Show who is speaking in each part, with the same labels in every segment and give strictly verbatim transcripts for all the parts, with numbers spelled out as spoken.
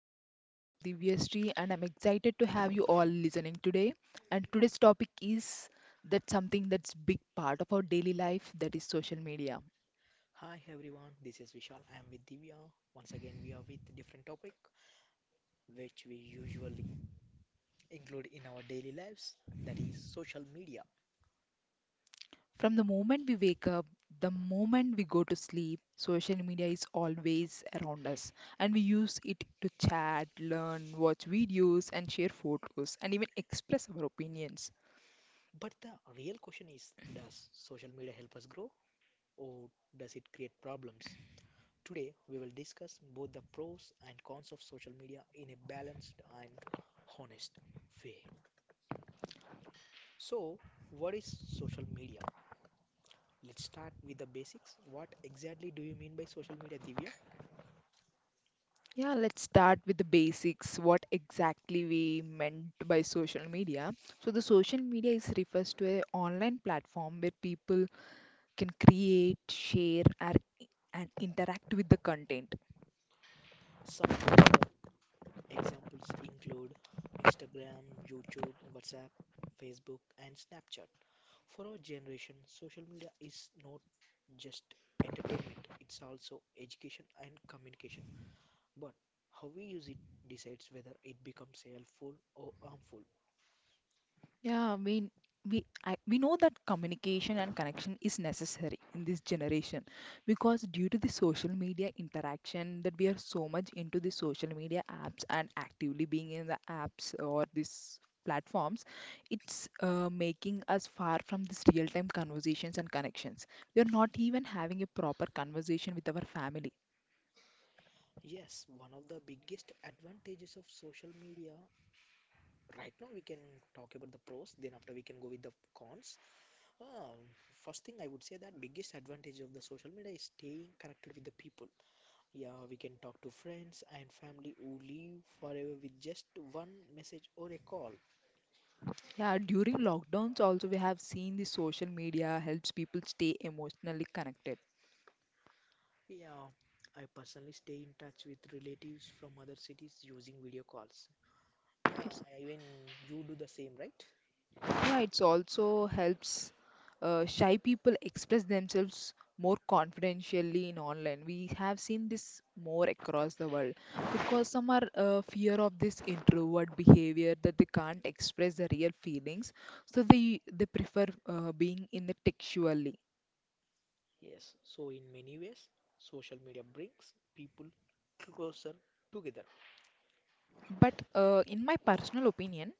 Speaker 1: podcast. I am Divyashree and I'm excited to have you all listening today. And today's topic is that something that's big part of our daily life, that is social media.
Speaker 2: Hi everyone, this is Vishal. I am with Divya. Once again, we are with different topic which we usually include in our daily lives, that is social media.
Speaker 1: From the moment we wake up, the moment we go to sleep, social media is always around us, and we use it to chat, learn, watch videos and share photos and even express our opinions.
Speaker 2: But the real question is, does social media help us grow or does it create problems? Today, we will discuss both the pros and cons of social media in a balanced and honest way. So, what is social media? Let's start with the basics. What exactly do you mean by social media, Divya?
Speaker 1: Yeah, let's start with the basics. What exactly we meant by social media? So the social media is refers to a online platform where people can create, share, and and interact with the content.
Speaker 2: Some popular examples include Instagram, YouTube, WhatsApp, Facebook, and Snapchat. For our generation, social media is not just entertainment, it's also education and communication. But how we use it decides whether it becomes helpful or harmful.
Speaker 1: Yeah, we we I, we know that communication and connection is necessary in this generation because due to the social media interaction that we are so much into the social media apps and actively being in the apps or these platforms, it's uh, making us far from this real-time conversations and connections. We are not even having a proper conversation with our family.
Speaker 2: Yes, one of the biggest advantages of social media. Right now, we can talk about the pros, then after we can go with the cons. Um, First thing I would say that biggest advantage of the social media is staying connected with the people. Yeah, we can talk to friends and family who live forever with just one message or a call.
Speaker 1: Yeah, during lockdowns also we have seen the social media helps people stay emotionally connected.
Speaker 2: Yeah, I personally stay in touch with relatives from other cities using video calls.
Speaker 1: It's
Speaker 2: Yeah, even you do the same, right?
Speaker 1: Yeah, it's also helps uh, shy people express themselves more confidentially in online. We have seen this more across the world because some are uh, fear of this introvert behavior that they can't express their real feelings, so they they prefer uh, being in the textually.
Speaker 2: Yes, so in many ways, social media brings people closer together.
Speaker 1: But uh, in my personal opinion,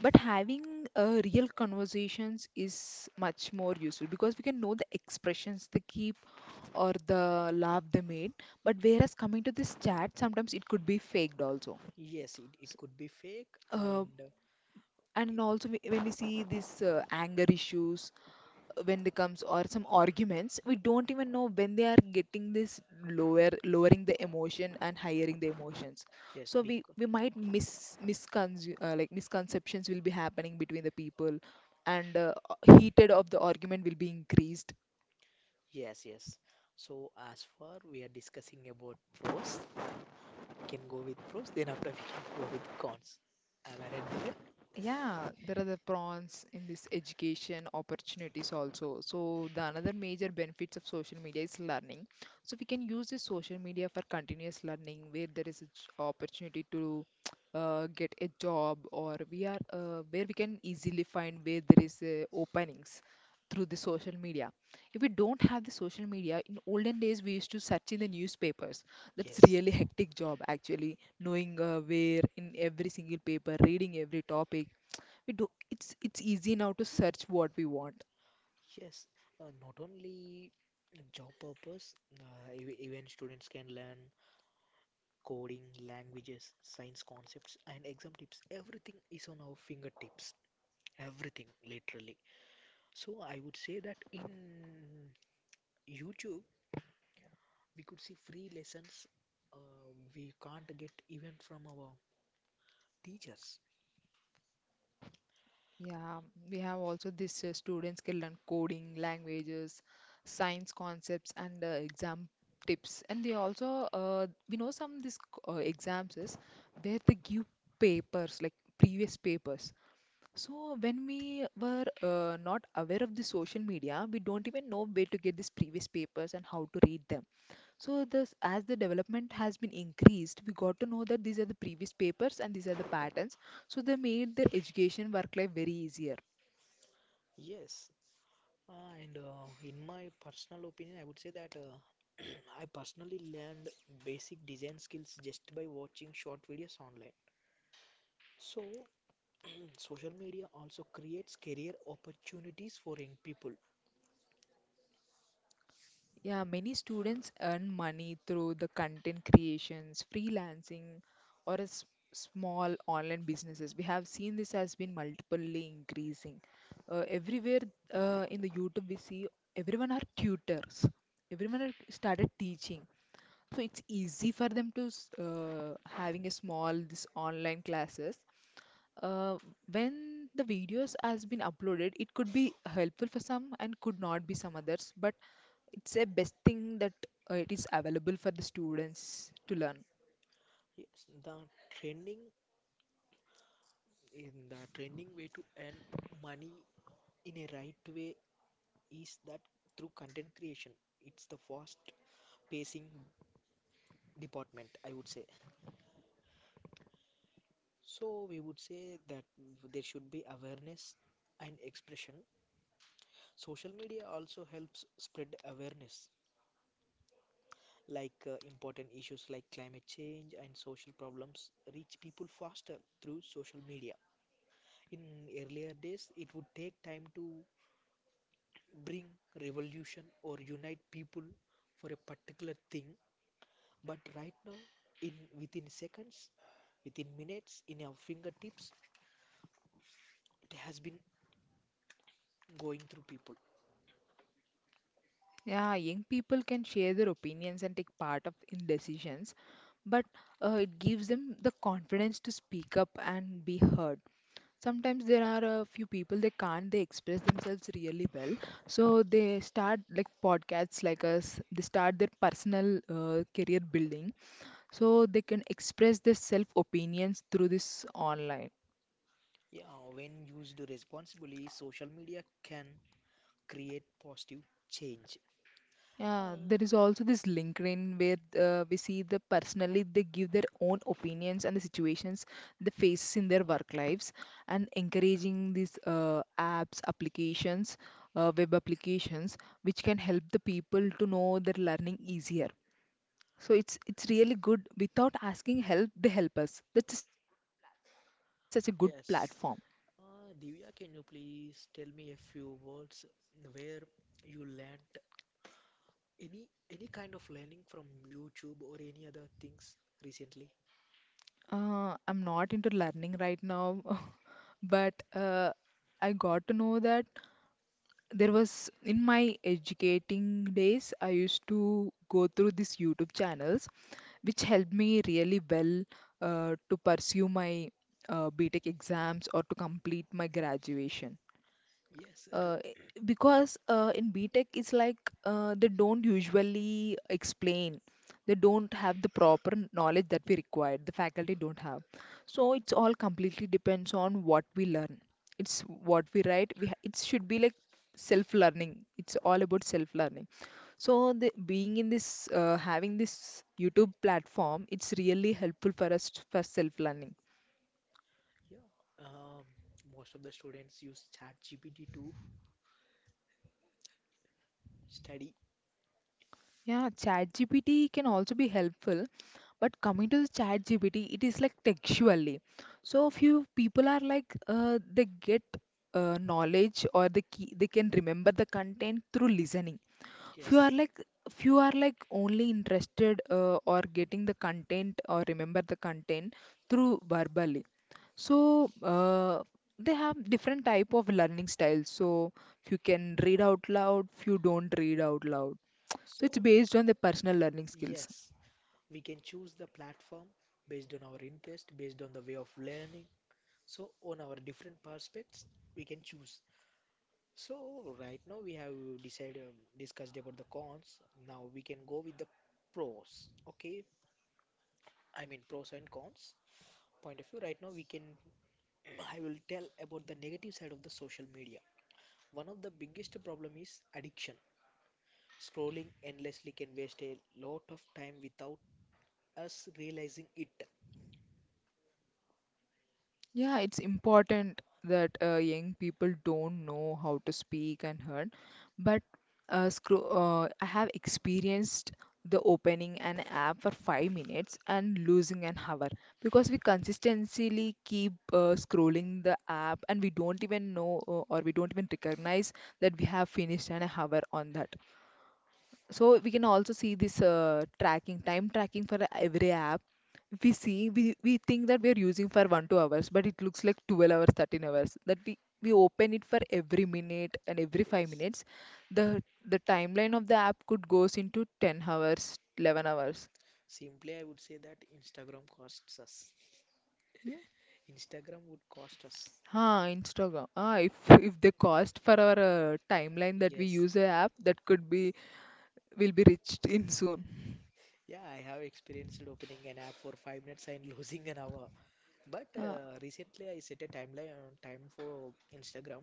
Speaker 1: but having uh, real conversations is much more useful because we can know the expressions they keep or the laugh they made. But whereas coming to this chat, sometimes it could be faked also.
Speaker 2: Yes, it,
Speaker 1: S-
Speaker 2: it could be fake,
Speaker 1: Uh,
Speaker 2: and
Speaker 1: and also we- when we
Speaker 2: uh,
Speaker 1: see these uh, anger issues uh, when they comes or some arguments, we don't even know when they are getting this
Speaker 2: it-
Speaker 1: lower lowering the emotion and hiring the emotions.
Speaker 2: yes,
Speaker 1: So we
Speaker 2: because,
Speaker 1: we might mis misconce uh, like misconceptions will be happening between the people, and uh, heated of the argument will be increased.
Speaker 2: yes, yes. So as far we are discussing about pros, we can go with pros. Then after we can go with cons. Am I right, Divya?
Speaker 1: Yeah, there are the prawns in this education opportunities also. So the another major benefits of social media is learning. So we can use this social media for continuous learning where there is a j- opportunity to uh, get a job, or we are uh, where we can easily find where there is uh, openings through the social media. If we don't have the social media, in olden days we used to search in the newspapers. That's
Speaker 2: Yes.
Speaker 1: really hectic job actually, knowing uh, where in every single paper, reading every topic we do, it's it's easy now to search what we want.
Speaker 2: Yes, uh, not only job purpose, uh, ev- even students can learn coding, languages, science concepts, and exam tips. Everything is on our fingertips. Everything, literally. So I would say that in YouTube we could see free lessons uh, we can't get even from our teachers.
Speaker 1: Yeah, we have also this uh, students can learn coding, languages, science concepts, and uh, exam tips. And they also uh, we know some this uh, exams is where they give papers like previous papers. So when we were uh, not aware of the social media, we don't even know where to get these previous papers and how to read them. So this, as the development has been increased, we got to know that these are the previous papers and these are the patterns. So they made their education work life very easier.
Speaker 2: Yes, uh, and uh, in my personal opinion, I would say that uh, I personally learned basic design skills just by watching short videos online. So social media also creates career opportunities for young people.
Speaker 1: Yeah, many students earn money through the content creations, freelancing, or a s- small online businesses. We have seen this has been multiply increasing. Uh, everywhere uh, in the YouTube, we see everyone are tutors. Everyone are started teaching, so it's easy for them to s- uh, having a small this online classes uh, when the videos has been uploaded, it could be helpful for some and could not be some others, but it's a best thing that uh, it is available for the students to learn.
Speaker 2: Yes, the trending in the trending way to earn money in a right way is that through content creation, it's the fast pacing department, I would say. So we would say that there should be awareness and expression. Social media also helps spread awareness, like uh, important issues like climate change and social problems reach people faster through social media. In earlier days, it would take time to bring revolution or unite people for a particular thing, but right now, in within seconds, within minutes in our fingertips. It has been going through people.
Speaker 1: Yeah, young people can share their opinions and take part of in decisions, but uh, it gives them the confidence to speak up and be heard. Sometimes there are a few people, they can't they express themselves really well, so they start like podcasts like us, they start their personal uh, career building, so they can express their self opinions through this online.
Speaker 2: Yeah, when used responsibly, social media can create positive change.
Speaker 1: Yeah,
Speaker 2: Uh,
Speaker 1: there is also this LinkedIn where uh, we see the personally they give their own opinions and the situations they face in their work lives, and encouraging these uh, apps, applications, uh, web applications which can help the people to know their learning easier. So it's it's really good, without asking help they help us. That's such a good platform.
Speaker 2: yes. Uh, Divya, can you please tell me a few words where you learnt any any kind of learning from YouTube or any other things recently?
Speaker 1: Uh, I'm not into learning right now, but uh, I got to know that there was in my educating days, I used to go through these YouTube channels, which helped me really well uh, to pursue my uh, BTech exams or to complete my graduation
Speaker 2: Yes, re
Speaker 1: uh, i- because uh, in BTech it's like uh, they don't usually explain. They don't have the proper knowledge that we require. The faculty don't have. So it's all completely depends on what we learn. It's what we write. We ha- it should be like self-learning. It's all about self-learning. So the, being in this, uh, having this YouTube platform, it's really helpful for us t- for self-learning.
Speaker 2: yeah. Um, Most of the students use ChatGPT to study.
Speaker 1: Yeah, ChatGPT can also be helpful. But coming to chat G P T, it is like textually. So few people are like uh, they get uh, knowledge, or they key, they can remember the content through listening.
Speaker 2: Yes.
Speaker 1: Few are like Few are like only interested uh, or getting the content or remember the content through verbally. So uh, they have different type of learning styles. So few can read out loud, few don't read out loud. So it's
Speaker 2: So,
Speaker 1: based on the personal learning skills.
Speaker 2: yes. We can choose the platform based on our interest, based on the way of learning, so on our different prospects we can choose. So right now we have decided discussed about the cons. Now we can go with the pros. Okay, I mean pros and cons point of view. Right now we can I will tell about the negative side of the social media. One of the biggest problem is addiction. Scrolling endlessly can waste a lot of time without us realizing it.
Speaker 1: Yeah, it's important that uh, young people don't know how to speak and heard, but uh, scro- uh, I have experienced the opening an app for five minutes and losing an hour, because we consistently keep uh, scrolling the app and we don't even know uh, or we don't even recognize that we have finished an hour on that. So we can also see this uh, tracking, time tracking for every app. If we see, we, we think that we are using for one, two hours, but it looks like twelve hours, thirteen hours. That we, we open it for every minute and every five
Speaker 2: Yes.
Speaker 1: minutes. The the timeline of the app could goes into ten hours, eleven hours.
Speaker 2: Simply, I would say that Instagram costs us.
Speaker 1: Hmm?
Speaker 2: Instagram would cost us.
Speaker 1: Huh, Instagram. Ah, if if the cost for our uh, timeline that we
Speaker 2: Yes.
Speaker 1: use a app, that could be will be reached in soon.
Speaker 2: Yeah, I have experienced opening an app for five minutes and losing an hour. But uh, recently, I set a timeline on time for Instagram,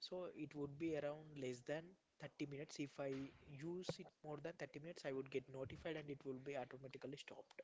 Speaker 2: so it would be around less than thirty minutes. If I use it more than thirty minutes, I would get notified and it will be automatically stopped.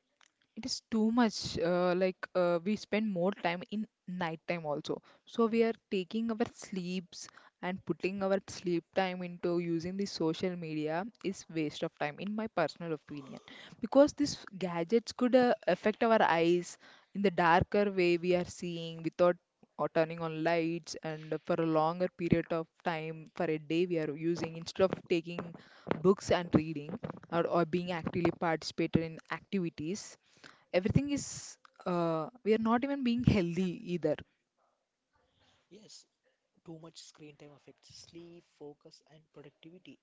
Speaker 1: It is too much. Uh, like uh, we spend more time in night time also. So we
Speaker 2: Mm.
Speaker 1: are taking our sleeps and putting our sleep time into using the social media is waste of time, in my personal opinion. Because these gadgets could uh, affect our eyes in the darker way we are seeing without or turning on lights, and for a longer period of time for a day we are using instead of taking books and reading, or, or being actively participated in activities. Everything is uh, we are not even being healthy either.
Speaker 2: Yes, too much screen time affects sleep, focus, and productivity.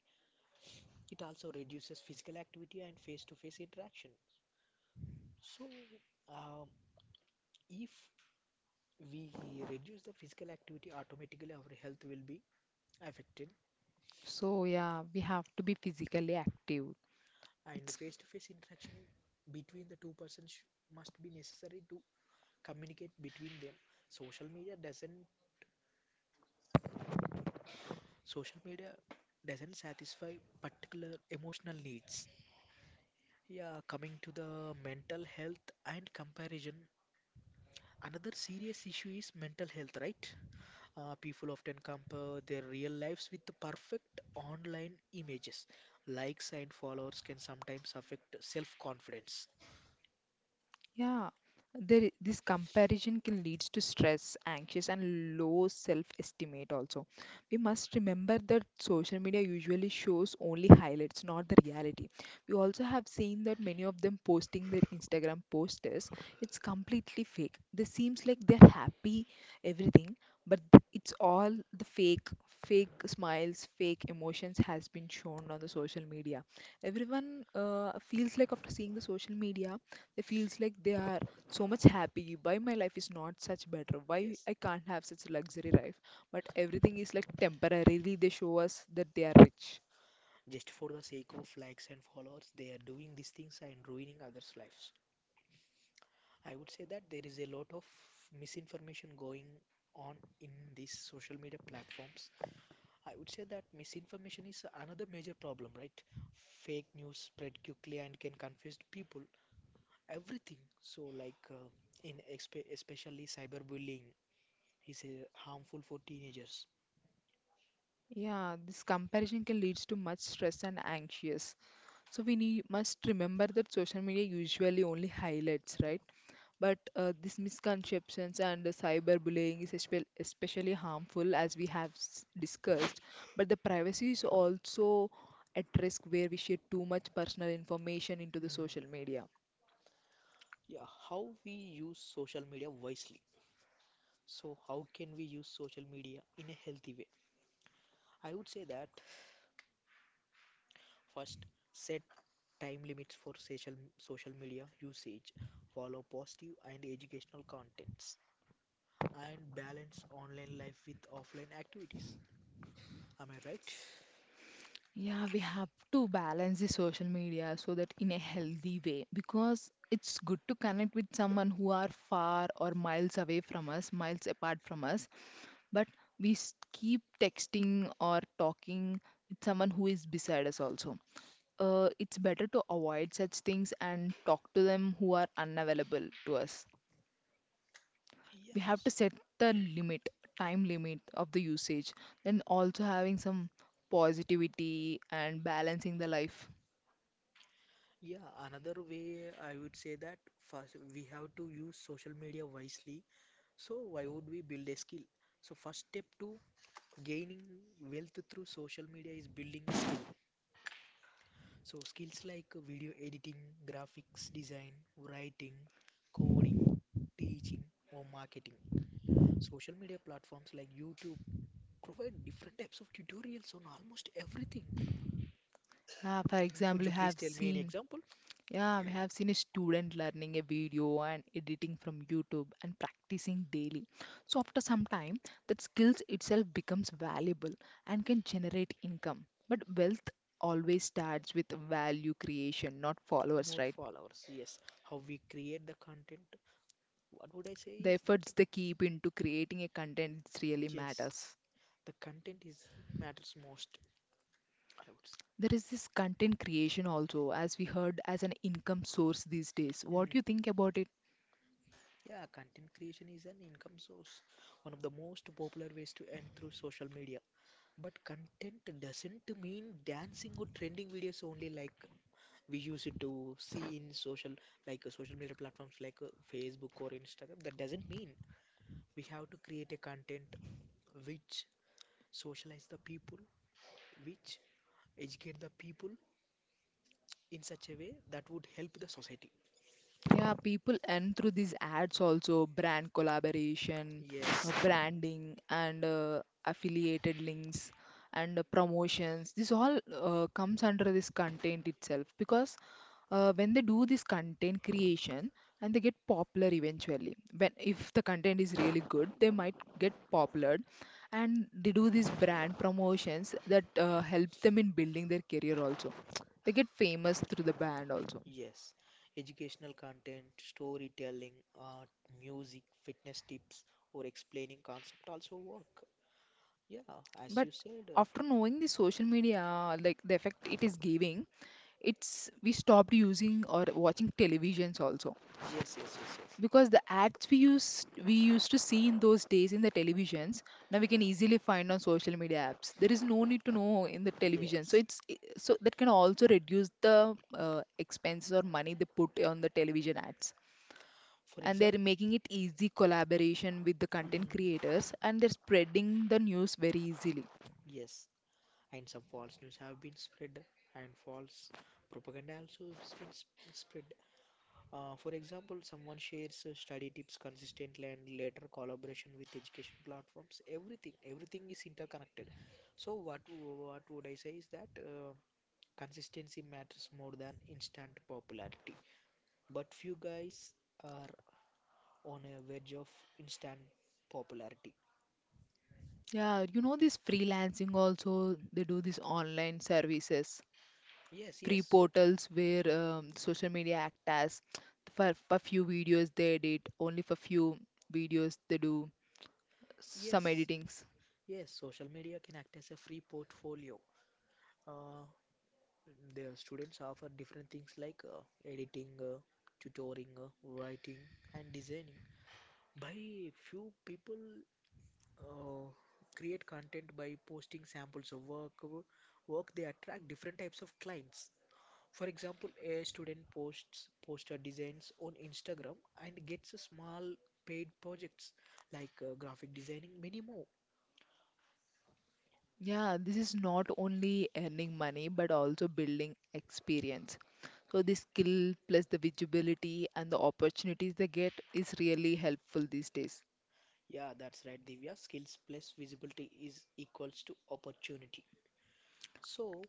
Speaker 2: It also reduces physical activity and face-to-face interaction. So, um, if we reduce the physical activity, automatically our health will be affected,
Speaker 1: So yeah, we have to be physically active.
Speaker 2: and
Speaker 1: It's
Speaker 2: face-to-face interaction between the two persons sh- must be necessary to communicate between them. Social media doesn't social media doesn't satisfy particular emotional needs. Yeah, coming to the mental health and comparison, another serious issue is mental health, right? Uh, people often compare their real lives with the perfect online images. Likes and followers can sometimes affect self-confidence.
Speaker 1: Yeah, there, i- this comparison can leads to stress, anxious, and low self-estimate also. We must remember that social media usually shows only highlights, not the reality. We also have seen that many of them posting their Instagram posters. It's completely fake. They seems like they're happy, everything, but th- it's all the fake, fake smiles, fake emotions has been shown on the social media. Everyone uh, feels like after seeing the social media they feels like they are so much happy. Why my life is not such better? Why
Speaker 2: Yes.
Speaker 1: I can't have such luxury life? But everything is like temporarily they show us that they are rich.
Speaker 2: Just for the sake of likes and followers, they are doing these things and ruining others' lives. I would say that there is a lot of misinformation going on in these social media platforms. I would say that misinformation is another major problem, right? Fake news spread quickly and can confuse people, everything. So, like uh, in expe especially cyberbullying is uh, harmful for teenagers.
Speaker 1: Yeah, this comparison can leads to much stress and anxious. So we need, must remember that social media usually only highlights, right? But uh, these misconceptions and the cyberbullying is espe- especially harmful, as we have s- discussed. But the privacy is also at risk where we share too much personal information into the
Speaker 2: Mhm.
Speaker 1: social media.
Speaker 2: Yeah, how we use social media wisely. So, how can we use social media in a healthy way? I would say that first, set time limits for social social media usage. Follow positive and educational contents, and balance online life with offline activities. Am I right?
Speaker 1: Yeah, we have to balance the social media so that in a healthy way, because it's good to connect with someone who are far or miles away from us, miles apart from us, but we s- keep texting or talking with someone who is beside us also. Uh, it's better to avoid such things and talk to them who are unavailable to us. We have to
Speaker 2: Yes.
Speaker 1: set the limit, time limit of the usage, then also having some positivity and balancing the life.
Speaker 2: Yeah, another way I would say that first we have to use social media wisely. So why would we build a skill? So first step to gaining wealth through social media is building a skill. So skills like video editing, graphics design, writing, coding, teaching, or marketing. Social media platforms like YouTube provide different types of tutorials on almost everything.
Speaker 1: Uh, for
Speaker 2: Mm,
Speaker 1: example,
Speaker 2: could
Speaker 1: you
Speaker 2: you please
Speaker 1: have
Speaker 2: tell me any
Speaker 1: seen.
Speaker 2: example?
Speaker 1: Yeah, we have seen a student learning a video and editing from YouTube and practicing daily. So after some time, that skills itself becomes valuable and can generate income. But wealth always starts with value creation, not followers,
Speaker 2: Not
Speaker 1: right?
Speaker 2: followers, yes. How we create the content. What would I say
Speaker 1: The
Speaker 2: is that,
Speaker 1: efforts they keep into creating a content it really
Speaker 2: yes,
Speaker 1: matters.
Speaker 2: the content is matters most, I would say.
Speaker 1: There is this content creation also, as we heard, as an income source these days. What do
Speaker 2: Mm.
Speaker 1: you think about it?
Speaker 2: Yeah, content creation is an income source, one of the most popular ways to earn through social media. But content doesn't mean dancing or trending videos only, like we used to see in social like uh, social media platforms like uh, Facebook or Instagram. That doesn't mean we have to create a content which socialize the people, which educate the people in such a way that would help the society.
Speaker 1: Yeah, people earn through these ads also, brand collaboration,
Speaker 2: Yes,
Speaker 1: uh, branding, and uh, affiliated links and uh, promotions. This all uh, comes under this content itself because uh, when they do this content creation and they get popular eventually, when if the content is really good, they might get popular and they do these brand promotions that uh, helps them in building their career also. They get famous through the brand also.
Speaker 2: yes. Educational content, storytelling, art, music, fitness tips, or explaining concept also work. Yeah, as
Speaker 1: But
Speaker 2: you said, uh,
Speaker 1: after knowing the social media, like the effect it is giving, it's we stopped using or watching televisions also,
Speaker 2: yes, yes, yes, yes,
Speaker 1: because the ads we used we used to see in those days in the televisions, now we can easily find on social media apps. There is no need to know in the television, so
Speaker 2: yes.
Speaker 1: it's i- so that can also reduce the uh, expenses or money they put on the television ads,
Speaker 2: For
Speaker 1: and they're
Speaker 2: example,
Speaker 1: making it easy collaboration with the content
Speaker 2: mm,
Speaker 1: creators, and they're spreading the news very easily.
Speaker 2: yes, and some false news have been spread, and false propaganda also has been sp- spread. Uh, for example, someone shares uh, study tips consistently and later collaboration with education platforms. Everything, everything is interconnected. So what w- what would I say is that uh, consistency matters more than instant popularity. But few guys are on a wedge of instant popularity.
Speaker 1: Yeah, you know, this freelancing also, they do these online services,
Speaker 2: Yes, yes,
Speaker 1: free
Speaker 2: so
Speaker 1: portals where um, social media act as, for, for few videos they edit, only for few videos they do some
Speaker 2: yes,
Speaker 1: editings.
Speaker 2: yes. Social media can act as a free portfolio. Uh, the students offer different things like uh, editing, uh, tutoring, uh, writing, and designing. By few people uh, create content by posting samples of work work They attract different types of clients. For example, a student posts poster designs on Instagram and gets a small paid projects like uh, graphic designing, many more.
Speaker 1: Yeah, this is not only earning money but also building experience. So the skill plus the visibility and the opportunities they get is really helpful these days.
Speaker 2: Yeah, that's right, Divya. Skills plus visibility is equals to opportunity. So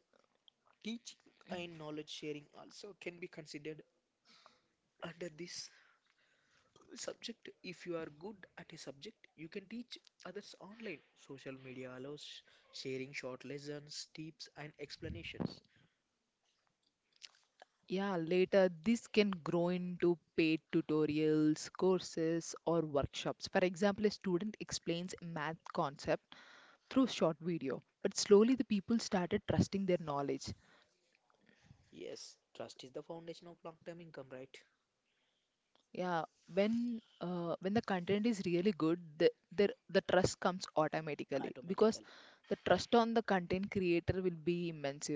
Speaker 2: teaching and knowledge sharing also can be considered under this subject. If you are good at a subject, you can teach others online. Social media allows sharing short lessons, tips, and explanations.
Speaker 1: Yeah, later this can grow into paid tutorials, courses, or workshops. For example, a student explains a math concept through short video, but slowly the people started trusting their knowledge.
Speaker 2: Yes, trust is the foundation of long term income, right?
Speaker 1: Yeah, when uh, when the content is really good, the, the the trust comes automatically, because
Speaker 2: Automatically,
Speaker 1: the trust on the content creator will be immense.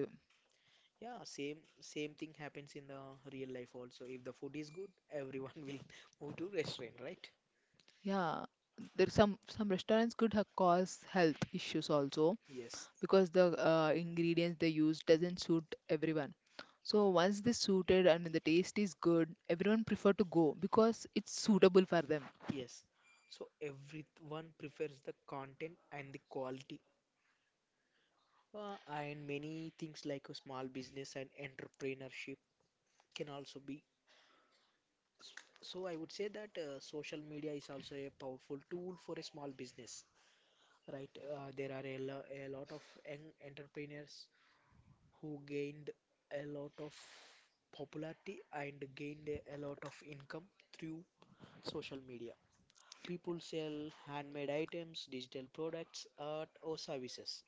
Speaker 2: yeah. Same same thing happens in the real life also. If the food is good, everyone will move to restaurant, right?
Speaker 1: Yeah, there's some some restaurants could have caused health issues also,
Speaker 2: Yes,
Speaker 1: because the uh, ingredients they use doesn't suit everyone. So once this suited and the taste is good, everyone prefer to go because it's suitable for them.
Speaker 2: yes, so everyone prefers the content and the quality. Uh, and many things like a small business and entrepreneurship can also be. So I would say that uh, social media is also a powerful tool for a small business, right? Uh, there are a, lo- a lot of young entrepreneurs who gained a lot of popularity and gained a a lot of income through social media. People sell handmade items, digital products, art, or services.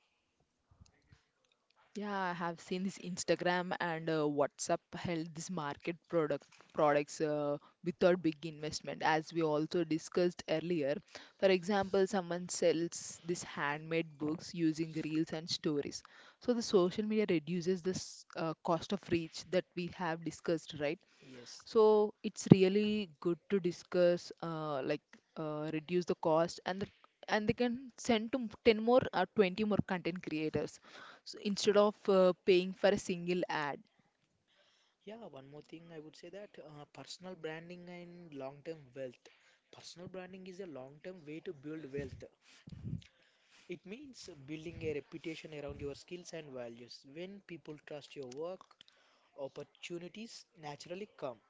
Speaker 1: Yeah, I have seen this Instagram and uh, WhatsApp held this market product products uh, without big investment, as we also discussed earlier. For example, someone sells this handmade books using reels and stories. So the social media reduces this uh, cost of reach that we have discussed, right?
Speaker 2: Yes.
Speaker 1: So it's really good to discuss, uh, like uh, reduce the cost, and the, and they can send to m- ten more or twenty more content creators, so instead of uh, paying for a single ad.
Speaker 2: Yeah, one more thing I would say that uh, personal branding and long-term wealth. Personal branding is a long-term way to build wealth. It means building a reputation around your skills and values. When people trust your work, opportunities naturally come.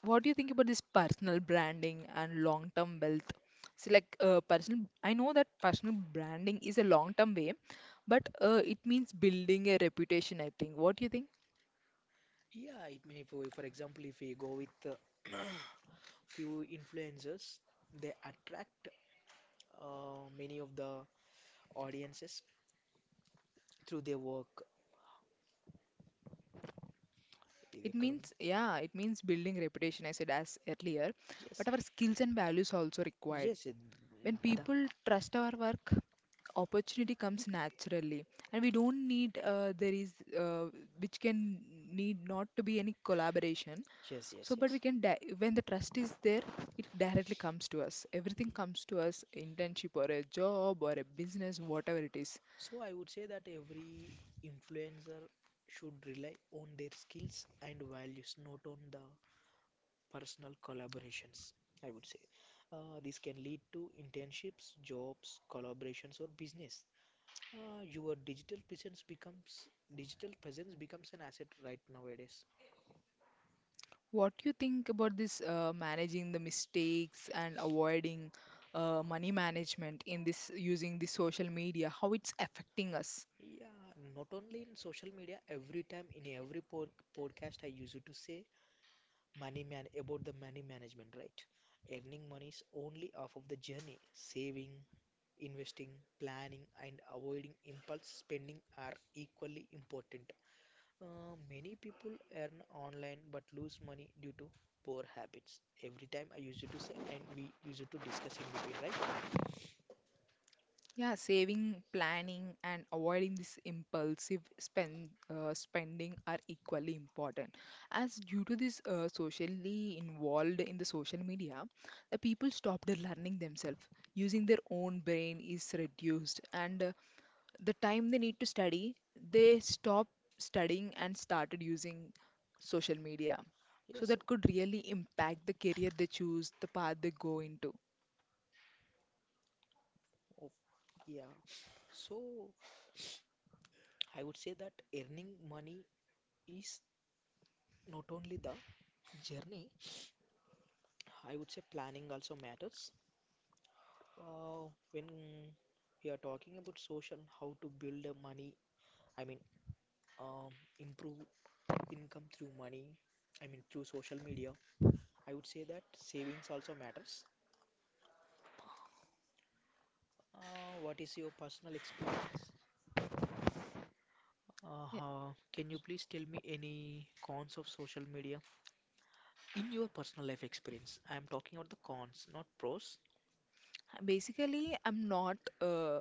Speaker 1: What do you think about this personal branding and long-term wealth? So, like uh, personal, I know that personal branding is a long-term way, but uh, it means building a reputation, I think. What do you think?
Speaker 2: Yeah, it may, for for example, if we go with uh, few influencers, they attract uh, many of the audiences through their work. ఇది
Speaker 1: It
Speaker 2: ఎక్కడ ఉన్నా?
Speaker 1: means, yeah, it means building reputation, I said as earlier,
Speaker 2: Yes,
Speaker 1: but our skills and values also required.
Speaker 2: yes, it-
Speaker 1: When
Speaker 2: the-
Speaker 1: people trust our work, opportunity comes naturally, and we don't need uh, there is uh, which can need not to be any collaboration.
Speaker 2: yes,
Speaker 1: So,
Speaker 2: yes,
Speaker 1: but
Speaker 2: yes.
Speaker 1: we can di when the trust is there, it directly comes to us. Everything comes to us, internship or a job or a business, whatever it is.
Speaker 2: So I would say that every influencer should rely on their skills and values, not on the personal collaborations, I would say. Uh, this can lead to internships, jobs, collaborations, or business. Uh, your digital presence becomes digital presence becomes an asset right nowadays.
Speaker 1: What you think about this uh, managing the mistakes and avoiding uh, money management in this using the social media, how it's affecting us?
Speaker 2: Yeah, not only in social media, every time in every pod podcast I used to say money man about the money management, right? Earning money is only half of the journey. Saving, investing, planning, and avoiding impulse spending are equally important. Uh, many people earn online but lose money due to poor habits. Every time I use it to say, and we use it to discuss in between, right?
Speaker 1: Yeah, saving, planning, and avoiding this impulsive spend uh, spending are equally important. As due to this uh, socially involved in the social media, the people stopped learning themselves. Using their own brain is reduced, and uh, the time they need to study, they stopped studying and started using social media. So
Speaker 2: Yes.
Speaker 1: that could really impact the career they choose, the path they go into.
Speaker 2: Oh, yeah. So I would say that earning money is not only the journey. I would say planning also matters. Uh, when we are talking about social, how to build a money. I mean, um, improve income through money, I mean through social media, I would say that savings also matters. Uh, what is your personal experience? Uh,
Speaker 1: Yeah.
Speaker 2: how- can you please tell me any cons of social media in your personal life experience? I am talking about the cons, not pros.
Speaker 1: Basically, I'm not uh,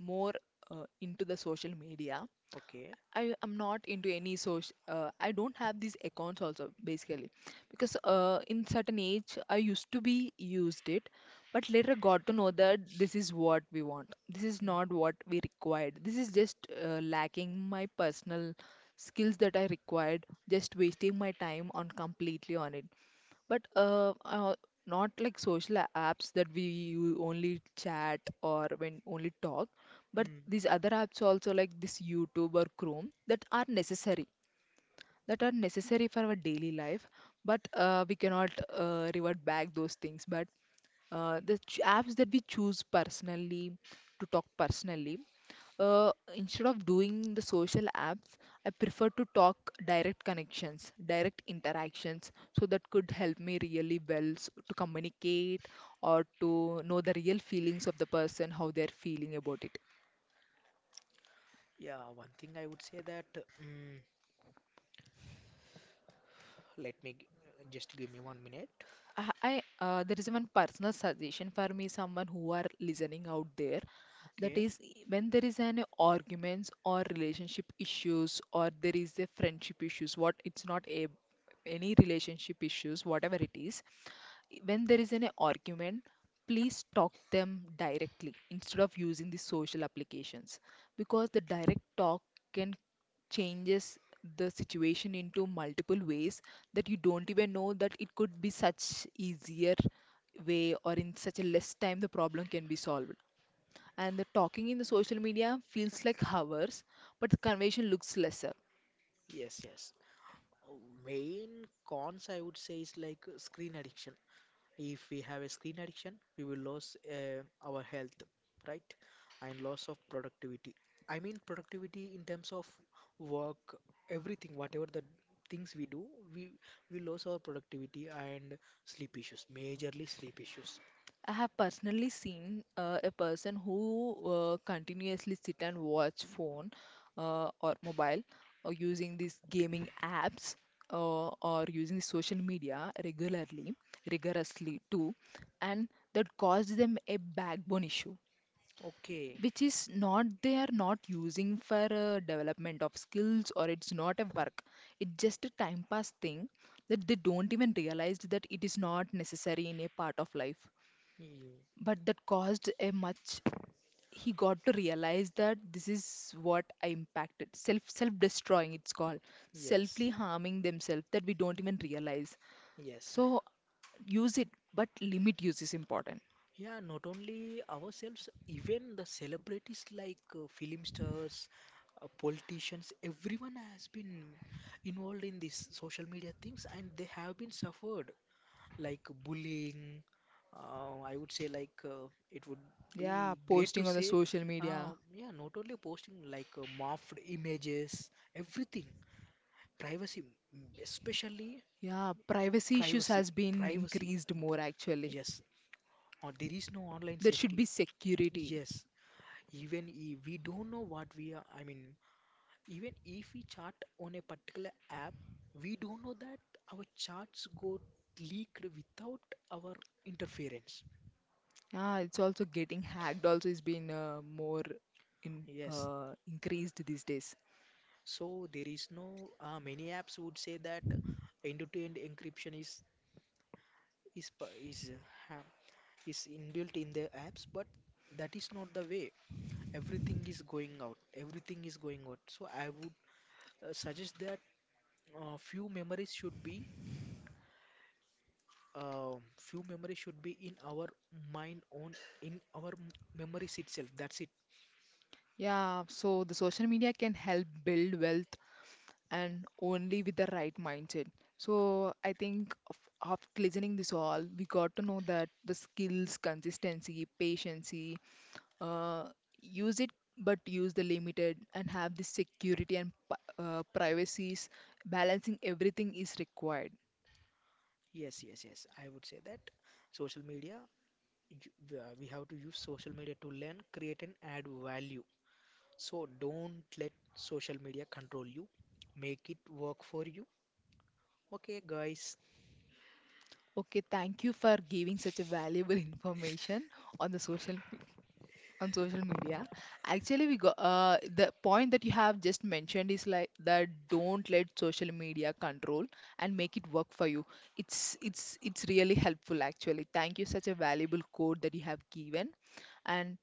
Speaker 1: more uh, into the social media,
Speaker 2: Okay.
Speaker 1: I am not into any social. Uh, I don't have these accounts also basically, because uh, in certain age I used to be used it, but later got to know that this is what we want. This is
Speaker 2: Mm.
Speaker 1: not what we required. This is just uh, lacking my personal skills that I required. Just wasting my time on completely on it. But uh, uh, not like social a- apps that we u- only chat or when only talk, but
Speaker 2: Mm.
Speaker 1: these other apps also like this YouTube or Chrome that are necessary, that are necessary for our daily life, but uh, we cannot uh, revert back those things. But uh, the ch- apps that we choose personally to talk personally, uh, instead of doing the social apps, I prefer to talk direct connections, direct interactions. So that could help me really well s- to communicate or to know the real feelings of the person, how they're feeling about it.
Speaker 2: Yeah, one thing I would say that, mm, let me g- just give me one minute.
Speaker 1: I, I, uh, there is one personal suggestion for me, someone who are listening out there. That
Speaker 2: Okay.
Speaker 1: is, when there is an arguments or relationship issues or there is a friendship issues, what it's not a any relationship issues, whatever it is, when there is an argument, please talk them directly instead of using the social applications, because the direct talk can changes the situation into multiple ways that you don't even know that it could be such easier way, or in such a less time the problem can be solved, and the talking in the social media feels like hours but the conversation looks lesser.
Speaker 2: Yes, yes. Oh, main cons I would say is like uh, screen addiction. If we have a screen addiction, we will lose uh, our health, right? And loss of productivity. I mean productivity in terms of work, everything, whatever the things we do, we we lose our productivity and sleep issues, majorly sleep issues.
Speaker 1: I have personally seen uh, a person who uh, continuously sit and watch phone uh, or mobile or using these gaming apps uh, or using the social media regularly, rigorously too, and that caused them a backbone issue,
Speaker 2: Okay.
Speaker 1: which is not they are not using for uh, development of skills, or it's not a work. It's just a time pass thing that they don't even realize that it is not necessary in a part of life,
Speaker 2: Yeah.
Speaker 1: but that caused a much he got to realize that this is what I impacted, self self destroying it's called,
Speaker 2: Yes.
Speaker 1: selfly harming themselves that we don't even realize.
Speaker 2: Yes.
Speaker 1: So use it, but limit use is important.
Speaker 2: Yeah, not only ourselves, even the celebrities like uh, film stars, uh, politicians, everyone has been involved in these social media things and they have been suffered like bullying. Uh, I would say like uh, it would
Speaker 1: Yeah,
Speaker 2: be great to
Speaker 1: posting on the
Speaker 2: say,
Speaker 1: social
Speaker 2: uh,
Speaker 1: media.
Speaker 2: yeah, not only posting like uh, morphed images, everything. Privacy, m- especially
Speaker 1: Yeah, privacy issues
Speaker 2: privacy
Speaker 1: has been
Speaker 2: privacy
Speaker 1: increased more actually.
Speaker 2: yes, or there is no online
Speaker 1: There should
Speaker 2: safety.
Speaker 1: be security.
Speaker 2: Yes, even if we don't know what we are, I mean even if we chat on a particular app, we don't know that our chats go leaked without our interference.
Speaker 1: Yeah, it's also getting hacked also is being uh, more in
Speaker 2: Yes,
Speaker 1: uh, increased these days.
Speaker 2: so there is no, uh, many apps would say that end to end encryption is is pa- is uh, ha is inbuilt in their apps, but that is not the way. Everything is going out. Everything is going out. So I would uh, suggest that uh, few memories should be uh, few memories should be in our mind, on in our m- memories itself. That's it.
Speaker 1: Yeah, so the social media can help build wealth, and only with the right mindset. So I think of, after listening this all, we got to know that the skills, consistency, patience, uh, use it but use the limited and have the security and p- uh, privacies, balancing everything is required.
Speaker 2: Yes, yes, yes. I would say that social media. you- uh, we have to use social media to learn, create, and add value. So don't let social media control you. Make it work for you. Okay, guys.
Speaker 1: Okay, thank you for giving such a valuable information on the social on social media. Actually, we got uh, the point that you have just mentioned is like that, don't let social media control and make it work for you. It's it's it's really helpful actually. Thank you such a valuable quote that you have given, and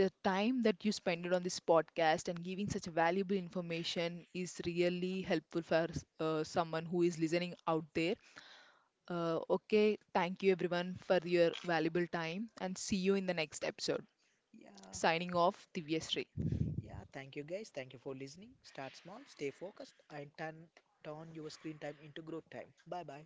Speaker 1: the time that you spend it on this podcast and giving such valuable information is really helpful for uh, someone who is listening out there. Uh, okay, thank you everyone for your valuable time, and see you in the next episode,
Speaker 2: Yeah.
Speaker 1: signing off, Divyashree.
Speaker 2: Yeah, thank you guys. Thank you for listening. Start small, stay focused, and turn turn your screen time into growth time. Bye bye.